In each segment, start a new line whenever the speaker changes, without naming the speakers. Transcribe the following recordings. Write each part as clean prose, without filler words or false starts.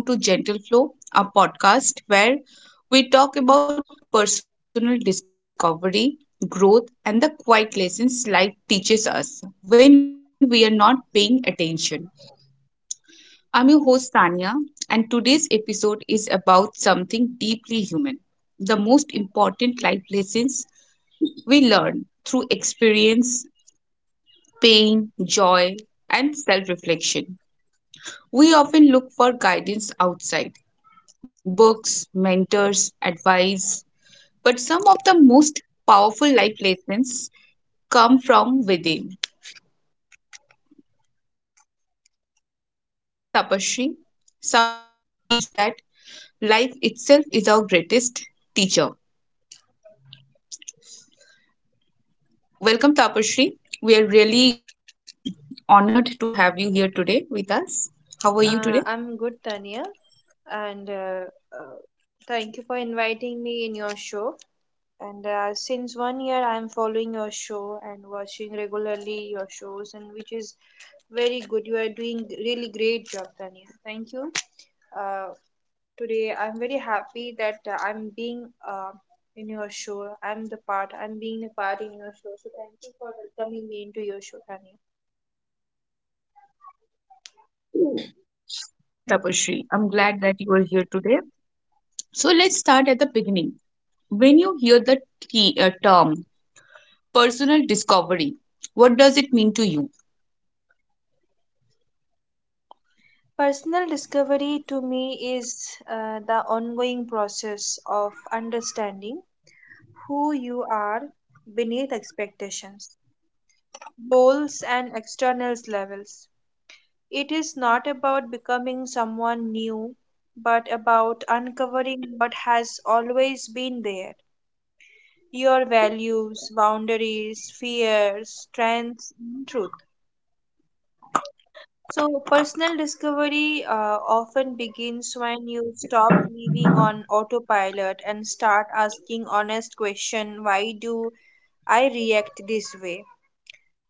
Hello, everyone. Welcome to Gentle Flow, a podcast where we talk about personal discovery, growth, and the quiet lessons life teaches us when we are not paying attention. I'm your host, Tanya, and today's episode is about something deeply human the most important life lessons we learn through experience, pain, joy, and self reflection. We often look for guidance outside books, mentors, advice, but some of the most powerful life lessons come from within. Joining me today is Tapashri, someone who believes that life itself is our greatest teacher. Welcome, Tapashri. We are really honored to have you here today with us. How are you today?
I'm good, Tanya, and thank you for inviting me in your show. And since 1 year, I'm following your show and watching regularly your shows, and which is very good. You are doing really great job, Tanya. Thank you. Uh, Today, I'm very happy that I'm being in your show. I'm the part. I'm being a part in your show. So thank you for welcoming me into your show, Tanya.
Yeah, Tapashri, I'm glad that you are here today. So let's start at the beginning. When you hear the term personal discovery. What does it mean to you?
Personal discovery to me is the ongoing process of understanding who you are beneath expectations, goals, and external levels. It is not about becoming someone new, but about uncovering what has always been there your values, boundaries, fears, strengths, and truth. So, personal discovery often begins when you stop living on autopilot and start asking honest question, why do I react this way?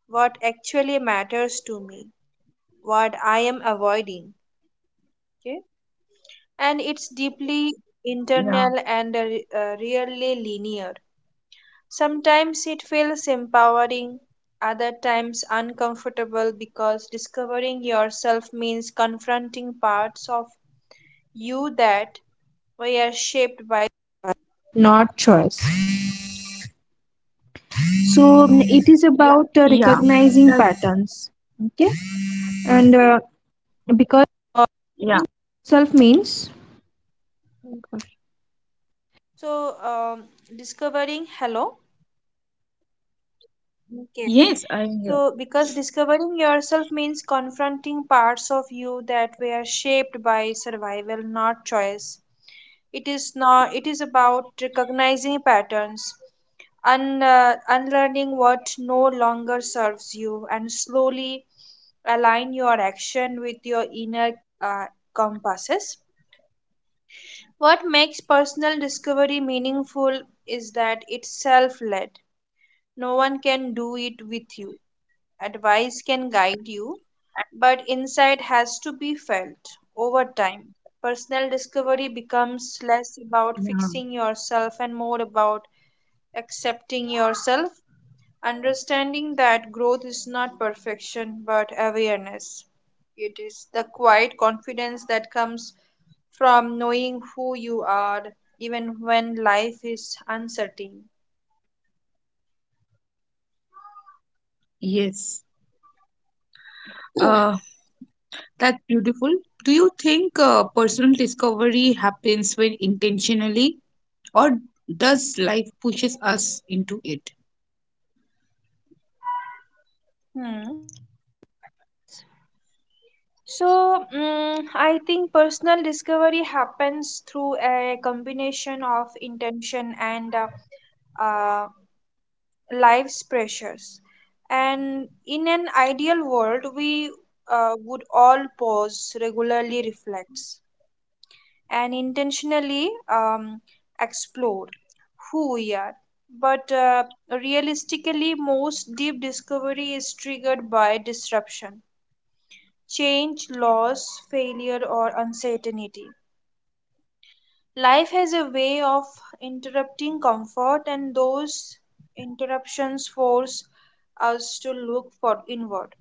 What actually matters to me? What I am avoiding? Okay? And it's deeply
Yeah,
internal and really linear. Sometimes it feels empowering, other times uncomfortable because discovering yourself means confronting parts of you that we are shaped.
yeah, that, yeah,
Okay,
yes, I'm here.
so because discovering yourself means confronting parts of you that were shaped by survival, not choice. It is not. It is about recognizing patterns, unlearning what no longer serves you, and slowly align your action with your inner uh, compasses. What makes personal discovery meaningful is that it's self-led. No one can do it with you. Advice can guide you, but insight has to be felt over time. Personal discovery becomes less about
Yeah,
fixing yourself and more about accepting yourself, understanding that growth is not perfection but awareness. It is the quiet confidence that comes from knowing who you are even when life is uncertain.
yes. Uh, that's beautiful. Do you think personal discovery happens when intentionally, or does life pushes us into it?
Hmm. So, I think personal discovery happens through a combination of intention and uh, life's pressures. And in an ideal world, we would all pause, regularly reflect, and intentionally explore who we are. But realistically, most deep discovery is triggered by disruption change, loss, failure, or uncertainty. Life has a way of interrupting comfort, and those interruptions force us to look for inward.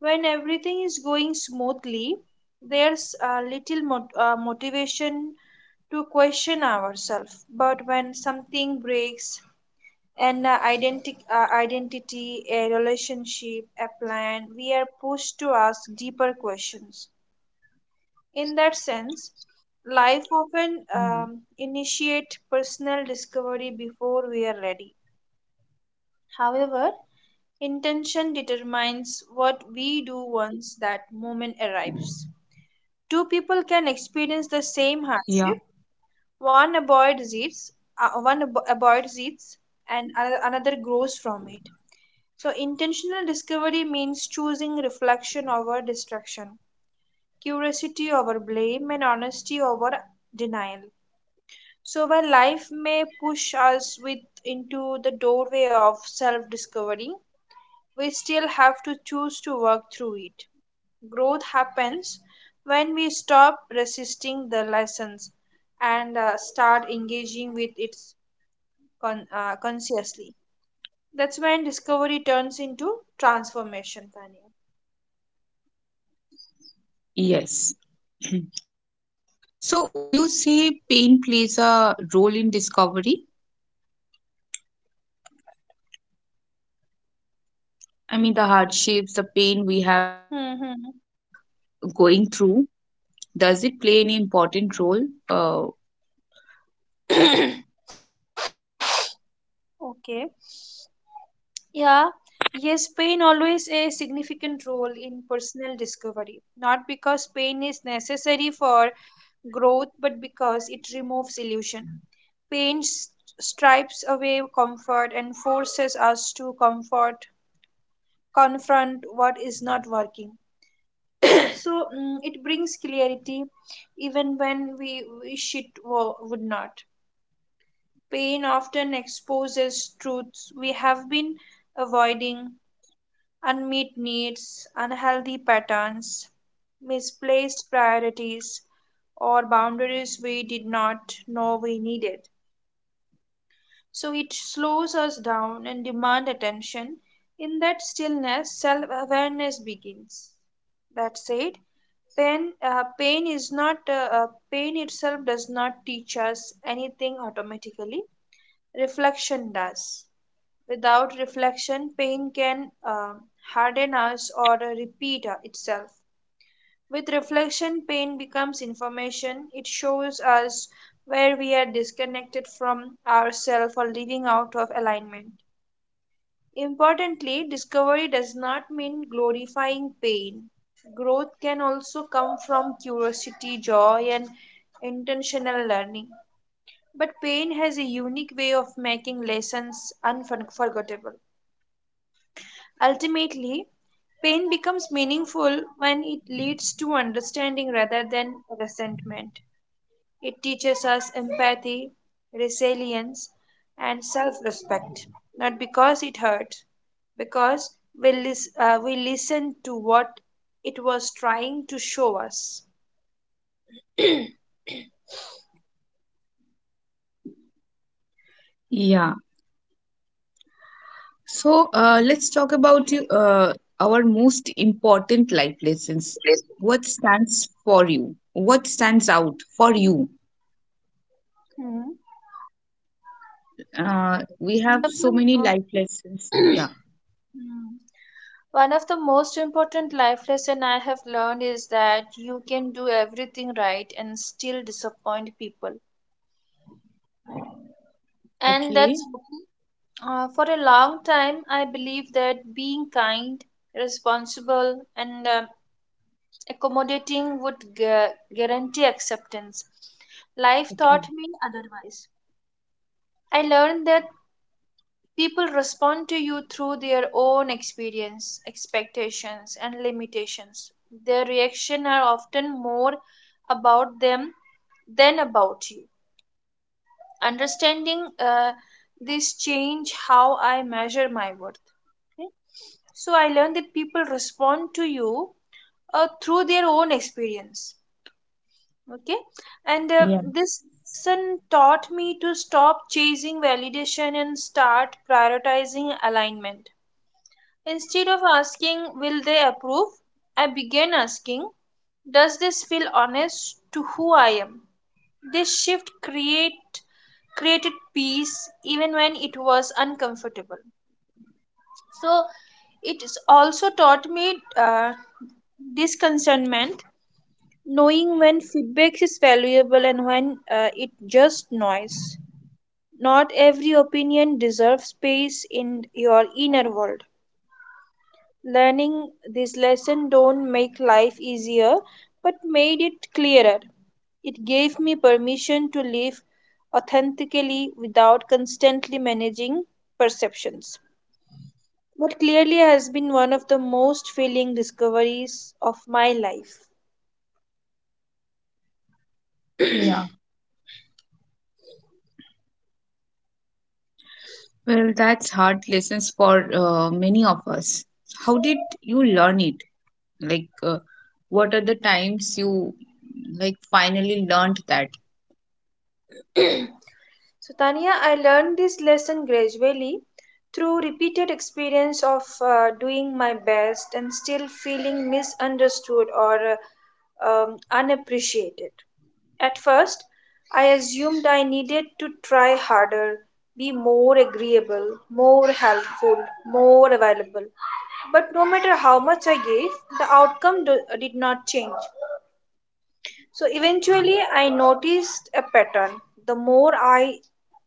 When everything is going smoothly, there's a little motivation to question ourselves. But when something breaks, an identity, a relationship, a plan, we are pushed to ask deeper questions. In that sense, life often
Yeah,
initiate personal discovery before we are ready. However, intention determines what we do once that moment arrives. Two people can experience the same
yeah,
hardship. One avoids it, one avoids it, and another grows from it. So, intentional discovery means choosing reflection over distraction, curiosity over blame, and honesty over denial. So while life may push us with into the doorway of self-discovery, we still have to choose to work through it. Growth happens when we stop resisting the lessons and start engaging with it consciously. That's when discovery turns into transformation,
yes. So, would you say pain plays a role in discovery? I mean, the hardships, the pain we have
Tanya.
uh,
Hmm.
going through. Does it play any important role?
Hmm. Hmm. Okay. Yeah, yes, pain always a significant role in personal discovery. Not because pain is necessary for growth, but because it removes illusion. Pain stripes away comfort and forces us to comfort confront what is not working. So it brings clarity, even when we wish it would not. Pain often exposes truths we have been avoiding unmet needs, unhealthy patterns, misplaced priorities, or boundaries we did not know we needed. So it slows us down and demand attention. In that stillness, self-awareness begins. That said, pain itself does not teach us anything automatically. Reflection does. Without reflection, pain can harden us or repeat itself. With reflection, pain becomes information. It shows us where we are disconnected from ourselves or living out of alignment. Importantly, discovery does not mean glorifying pain. Growth can also come from curiosity, joy, and intentional learning. But pain has a unique way of making lessons unforgettable. Ultimately, pain becomes meaningful when it leads to understanding rather than resentment. It teaches us empathy, resilience, and self respect, not because it hurts, because we listen to what it was trying to show us.
Yeah. So let's talk about you, our most important life lessons. What stands for you? What stands out for you?
Hmm.
We have
One of
so many
the-
life lessons. Yeah.
hmm. One of the most important life lesson I have learned is that you can do everything right and still disappoint people. And that's
Okay.
okay. For a long time, I believe that being kind, responsible, and accommodating would guarantee acceptance. Life taught
Okay.
me otherwise. I learned that people respond to you through their own experience, expectations, and limitations. Their reaction are often more about them than about you. Understanding this change how I measure my worth. So I learned that people respond to you through their own experience. Okay. And
Yeah.
this lesson taught me to stop chasing validation and start prioritizing alignment. Instead of asking, will they approve, I began asking, does this feel honest to who I am? This shift create created peace even when it was uncomfortable. So it is also taught me disconcernment, knowing when feedback is valuable and when it just noise. Not every opinion deserves space in your inner world. Learning this lesson don't make life easier, but made it clearer. It gave me permission to live authentically without constantly managing perceptions. What clearly has been one of the most filling discoveries of my life.
Yeah. Well, that's hard lessons for many of us. How did you learn it? Like, what are the times you like finally learned that?
So, Tania, I learned this lesson gradually through repeated experience of doing my best and still feeling misunderstood or unappreciated. At first, I assumed I needed to try harder, be more agreeable, more helpful, more available. But no matter how much I gave, the outcome did not change. So eventually, I noticed a pattern. The more I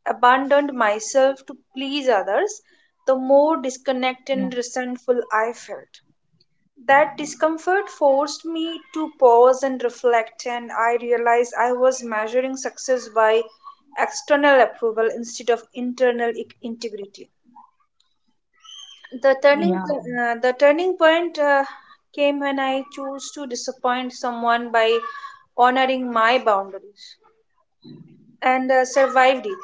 abandoned myself to please others, the more
Yeah.
disconnected and resentful I felt. That discomfort forced me to pause and reflect, and I realized I was measuring success by external approval instead of internal integrity. The turning,
Yeah.
the turning point came when I chose to disappoint someone by honoring my boundaries. And survived it.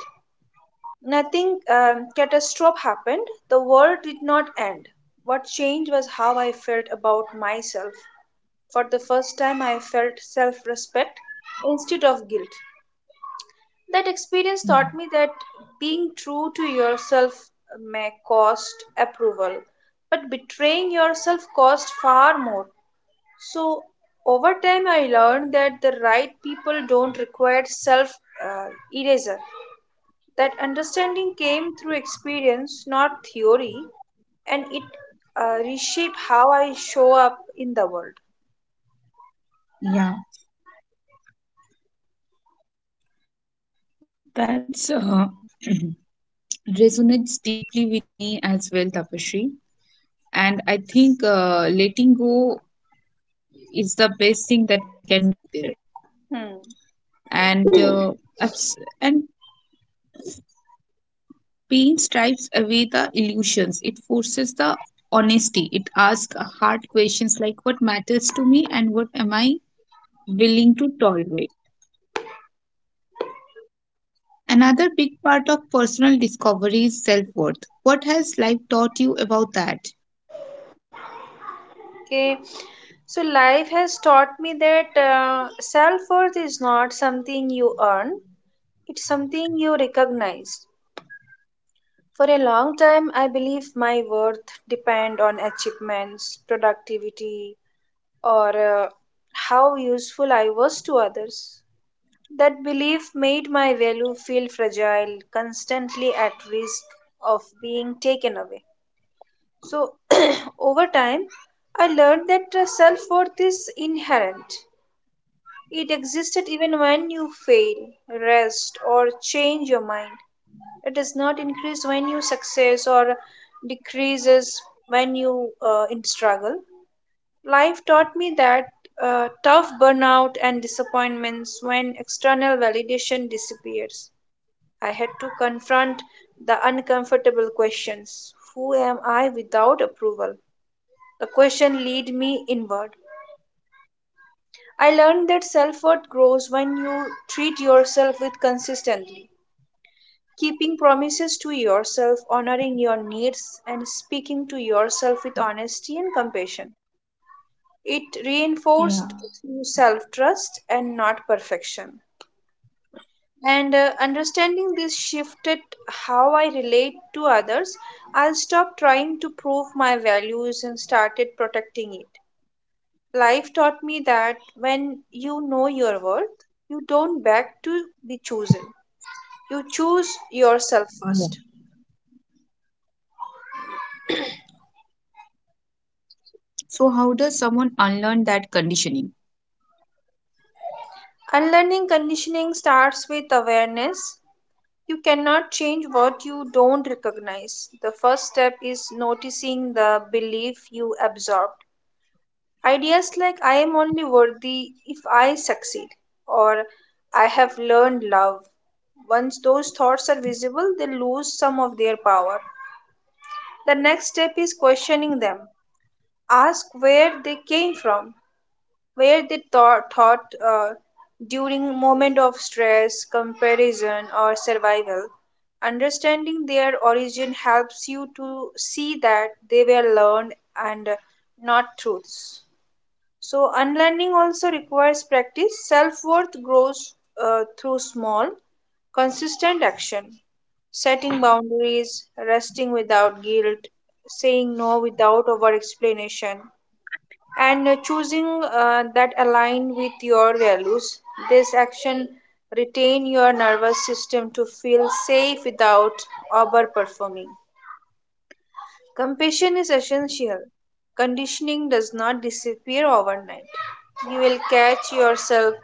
Nothing catastrophe happened. The world did not end. What changed was how I felt about myself. For the first time, I felt self respect instead of guilt. That experience taught me that being true to yourself may cost approval, but betraying yourself costs far more. So, over time, I learned that the right people don't require self uh, eraser. That understanding came through experience, not theory, and it reshaped how I show up in the world.
Yeah, that's resonates deeply with me as well, Tapashri. And I think letting go is the best thing that we can do there.
Hmm.
And abs- and pain stripes away the illusions. It forces the honesty. It asks hard questions like what matters to me and what am I willing to tolerate. So another big part of personal discovery is self-worth. What has life taught you about that?
Okay, so life has taught me that self worth is not something you earn, it's something you recognize. For a long time, I believe my worth depend on achievements, productivity, or how useful I was to others. That belief made my value feel fragile, constantly at risk of being taken away. So, over time, I learned that self worth is inherent. It existed even when you fail, rest, or change your mind. It does not increase when you success or decreases when you in struggle. Life taught me that tough burnout and disappointments when external validation disappears. I had to confront the uncomfortable questions. Who am I without approval? The question lead me inward. I learned that self worth grows when you treat yourself with consistently. Keeping promises to yourself, honoring your needs, and speaking to yourself with honesty and compassion. It reinforced
Yeah.
through self trust and not perfection. And understanding this shifted how I relate to others. I stopped trying to prove my values and started protecting it. Life taught me that when you know your worth, you don't beg to be chosen. You choose yourself first.
So, how does someone unlearn that conditioning?
Unlearning conditioning starts with awareness. You cannot change what you don't recognize. The first step is noticing the belief you absorbed. Ideas like I am only worthy if I succeed or I have learned love. Once those thoughts are visible, they lose some of their power. The next step is questioning them. Ask where they came from, where they thought during moment of stress, comparison, or survival. Understanding their origin helps you to see that they were learned and not truths. So, unlearning also requires practice. Self worth grows through small, consistent action, setting boundaries, resting without guilt, saying no without over explanation, and choosing that align with your values. This action retain your nervous system to feel safe without overperforming. Compassion is essential. Conditioning does not disappear overnight. You will catch yourself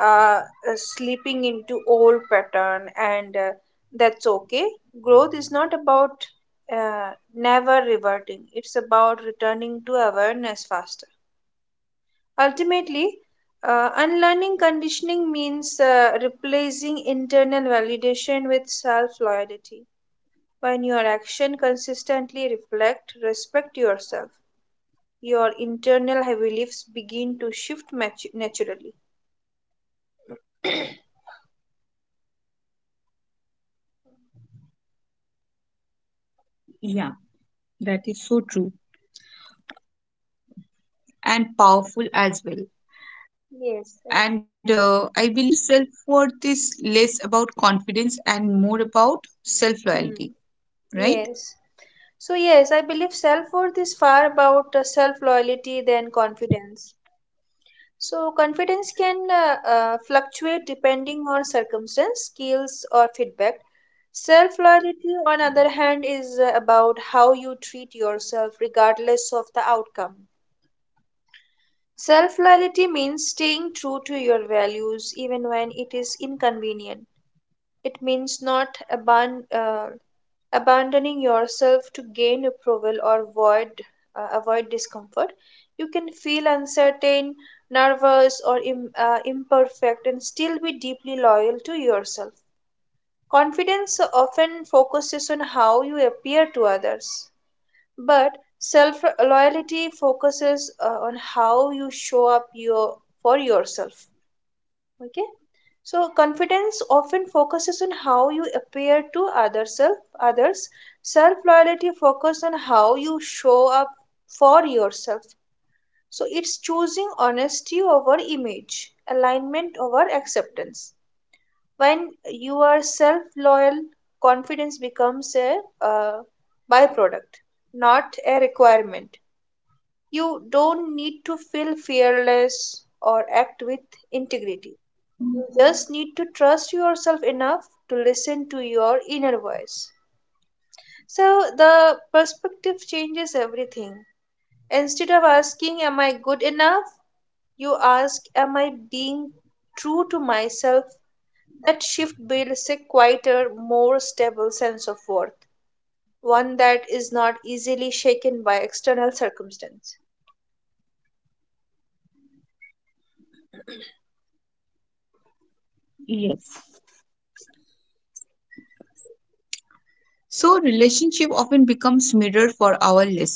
uh, uh, slipping into old pattern, and that's okay. Growth is not about never reverting. It's about returning to awareness faster. Ultimately, unlearning conditioning means replacing internal validation with self loyalty. When your actions consistently reflect respect yourself, your internal beliefs begin to shift naturally.
Yeah, that is so true. And powerful as well. And
Yes, yes.
I believe self worth is less about confidence and more about self loyalty,
Hmm.
right?
Yes. So, yes, I believe self worth is far about self loyalty than confidence. So confidence can fluctuate depending on circumstance, skills, or feedback. Self loyalty, on other hand, is about how you treat yourself regardless of the outcome. Self loyalty means staying true to your values even when it is inconvenient. It means not abandoning yourself to gain approval or avoid avoid discomfort. You can feel uncertain, nervous, or imperfect and still be deeply loyal to yourself. Confidence often focuses on how you appear to others, but self loyalty focuses on how you show up for yourself. Okay, so confidence often focuses on how you appear to others. Self loyalty focuses on how you show up for yourself. So it's choosing honesty over image, alignment over acceptance. When you are self loyal, confidence becomes a byproduct, not a requirement. You don't need to feel fearless or act with integrity, just need to trust yourself enough to listen to your inner voice. So the perspective changes everything. Instead of asking, "Am I good enough?" you ask, "Am I being true to myself?" That shift builds a quieter, more stable sense of worth, one that is not easily shaken by external circumstance.
Yes. So, relationship often becomes mirror for our lessons.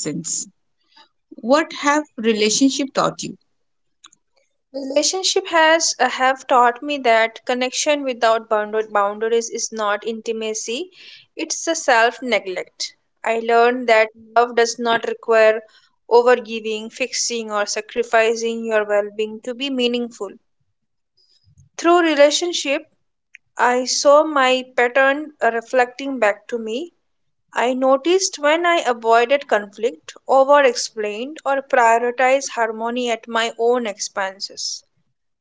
What have relationship taught you?
Relationship has have taught me that connection without boundaries is not intimacy, it's a self-neglect. I learned that love does not require overgiving, fixing, or sacrificing your well-being to be meaningful. Through relationship, I saw my pattern reflecting back to me. I noticed when I avoided conflict, over-explained, or prioritized harmony at my own expenses.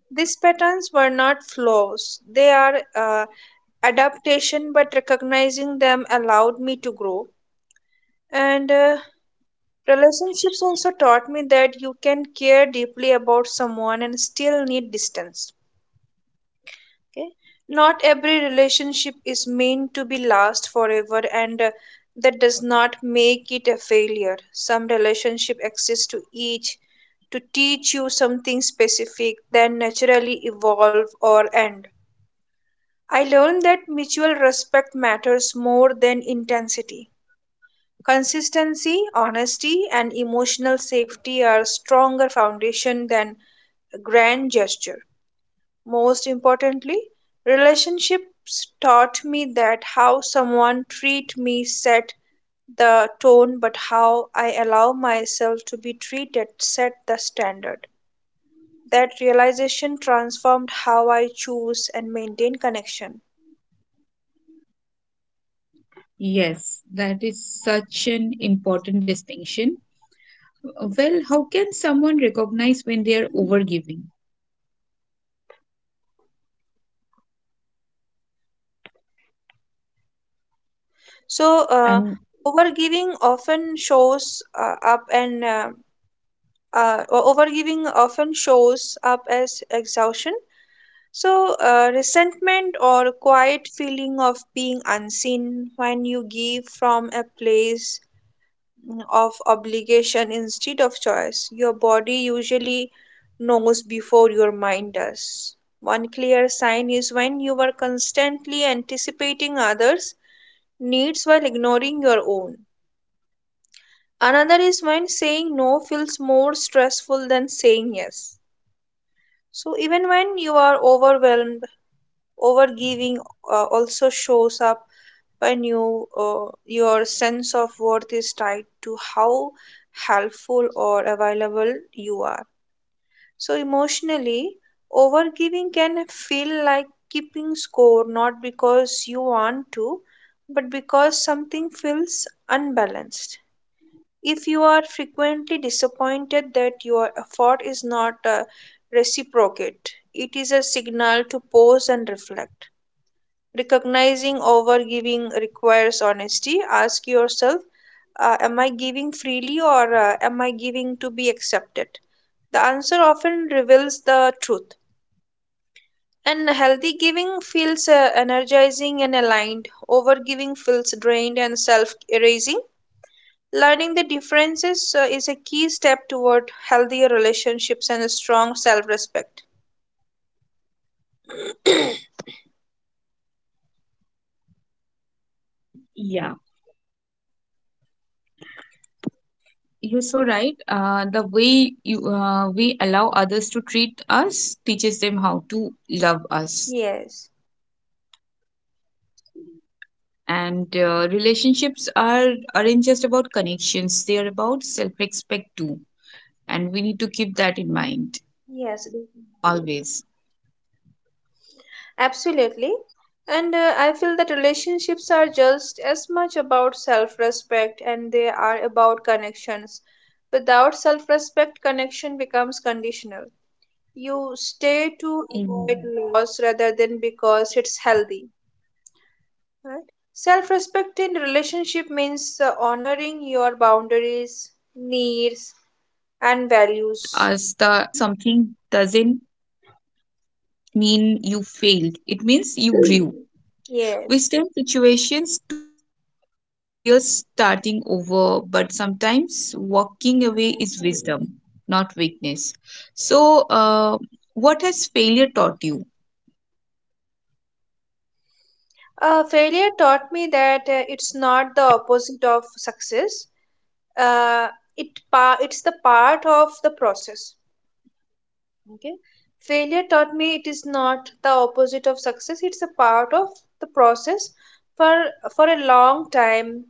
These patterns were not flaws, they are adaptation, but recognizing them allowed me to grow. And Relationships also taught me that you can care deeply about someone and still need distance. Okay, not every relationship is meant to be last forever, and that does not make it a failure. Some relationship exists to teach you something specific, then naturally evolve or end. I learned that mutual respect matters more than intensity. Consistency, honesty, and emotional safety are stronger foundation than a grand gesture. Most importantly, relationships taught me that how someone treat me set the tone, but how I allow myself to be treated set the standard. That realization transformed how I choose and maintain connection.
Yes, that is such an important distinction. Well, how can someone recognize when they are overgiving?
So, uh, Overgiving
Um,
often shows up and overgiving often shows up as exhaustion. So, resentment or quiet feeling of being unseen when you give from a place of obligation instead of choice. Your body usually knows before your mind does. One clear sign is when you are constantly anticipating others' needs while ignoring your own. Another is when saying no feels more stressful than saying yes. So even when you are overwhelmed, overgiving also shows up when your sense of worth is tied to how helpful or available you are. So emotionally, overgiving can feel like keeping score, not because you want to, but because something feels unbalanced. If you are frequently disappointed that your effort is not reciprocate, it is a signal to pause and reflect. Recognizing overgiving requires honesty. Ask yourself, am I giving freely, or am I giving to be accepted? The answer often reveals the truth. And healthy giving feels energizing and aligned. Overgiving feels drained and self erasing. Learning the differences is a key step toward healthier relationships and a strong self respect.
yeah, you're so right. The way you we allow others to treat us teaches them how to love us.
Yes,
And relationships are aren't just about connections; they are about self-respect too. And we need to keep that in mind
yes, definitely.
always.
Absolutely. And I feel that relationships are just as much about self respect and they are about connections. Without self respect, connection becomes conditional. You stay to
Yes.
avoid loss rather than because it's healthy. Right? Self respect in
Yeah.
relationship means honoring your
Also,
boundaries,
failure taught
needs,
us the
and
that
values.
ending something doesn't mean you failed. It means you grew.
Yes.
We stay in situations too long because we fear starting over, but sometimes walking away is wisdom, not weakness. So, what has failure taught you?
Failure taught me that it's not the opposite of success. uh, it's the part of the process. Okay, failure taught me it is not the opposite of success, it's a part of the process. for for a long time,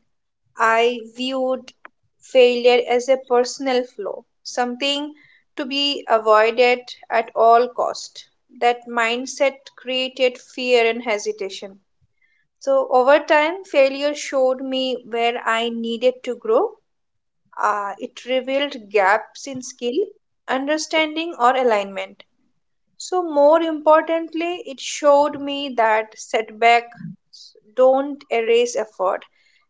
I viewed failure as a personal flaw, something to be avoided at all cost. That mindset created fear and hesitation. So over time, failure showed me where I needed to grow. It revealed gaps in skill, understanding, or alignment. So, more importantly, it showed me that setbacks don't erase effort,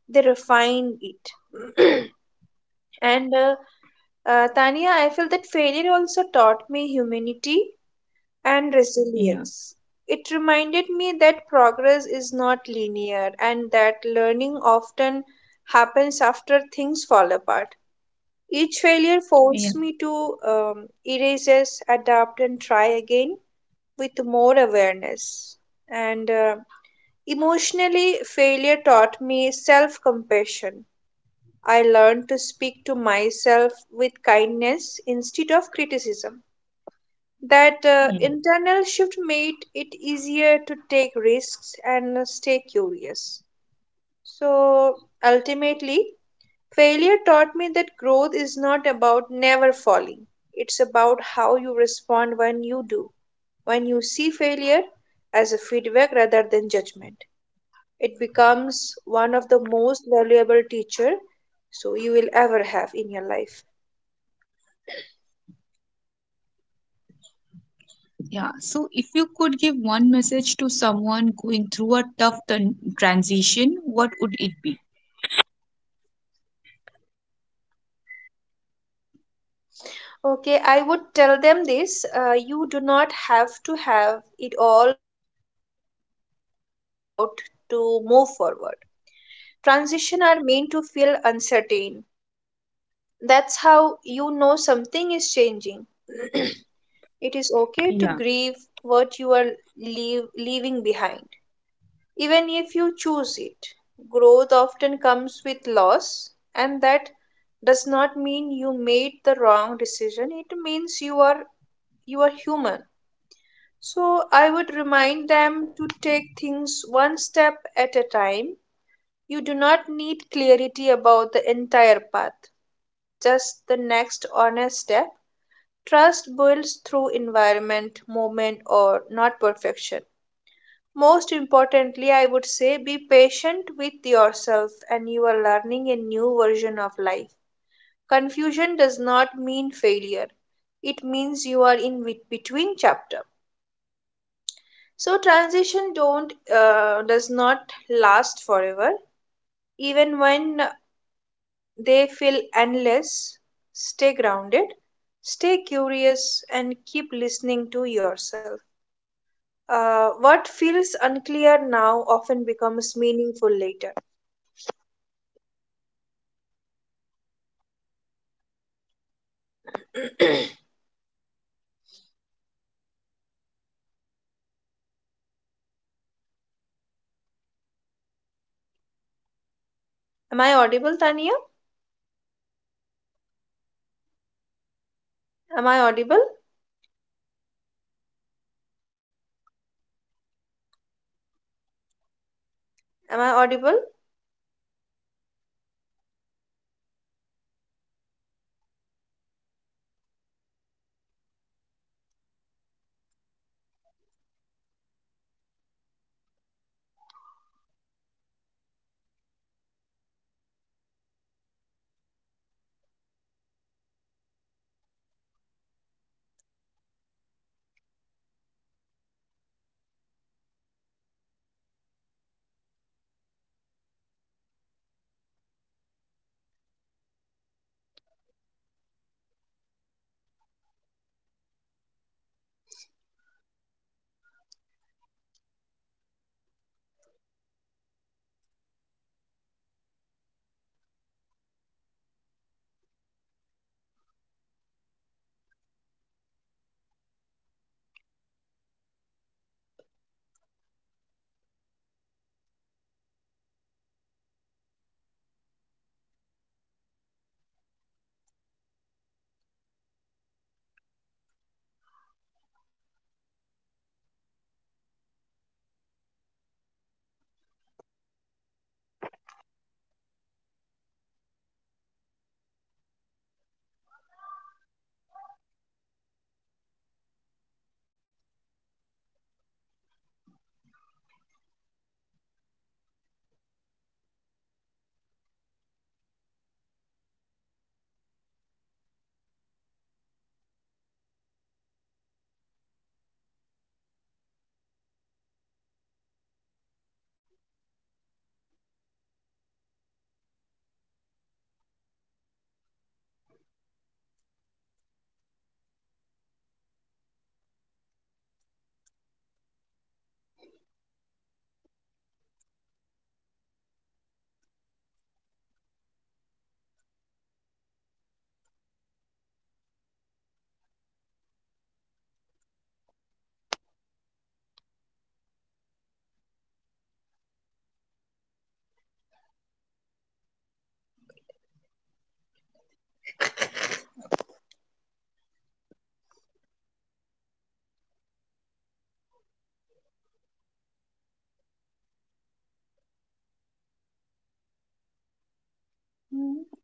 they refine it. and Tania, I feel that failure also taught me humanity and
Yeah,
resilience. It reminded me that progress is not linear and that learning often happens after things fall apart. Each failure forced
yeah,
me to erase, yes, adapt, and try again with more awareness. And Emotionally, failure taught me self compassion. I learned to speak to myself with kindness instead of criticism. That internal shift
yeah.
made it easier to take risks and stay curious. So ultimately, failure taught me that growth is not about never falling. It's about how you respond when you do. When you see failure as a feedback rather than judgment, it becomes one of the most valuable teacher so you will ever have in your life.
Yeah, so if you could give one message to someone going through a tough transition, what would it be?
Okay, I would tell them this, you do not have to have it all figured out to move forward. Transition are meant to feel uncertain. That's how you know something is
Yeah.
changing. It is okay to grieve what you are leaving behind, even if you choose it. Growth often comes with loss, and that does not mean you made the wrong decision. It means you are human. So I would remind them to take things one step at a time. You do not need clarity about the entire path, just the next honest step. Trust builds through environment, movement, or not perfection. Most importantly, I would say be patient with yourself and you are learning a new version of life. Confusion does not mean failure. It means you are in between chapter. So transition don't does not last forever. Even when they feel endless, stay grounded, stay curious, and keep listening to yourself. What feels unclear now often becomes meaningful later. Am I audible, Tania? Am I audible? Am I audible? Hmm.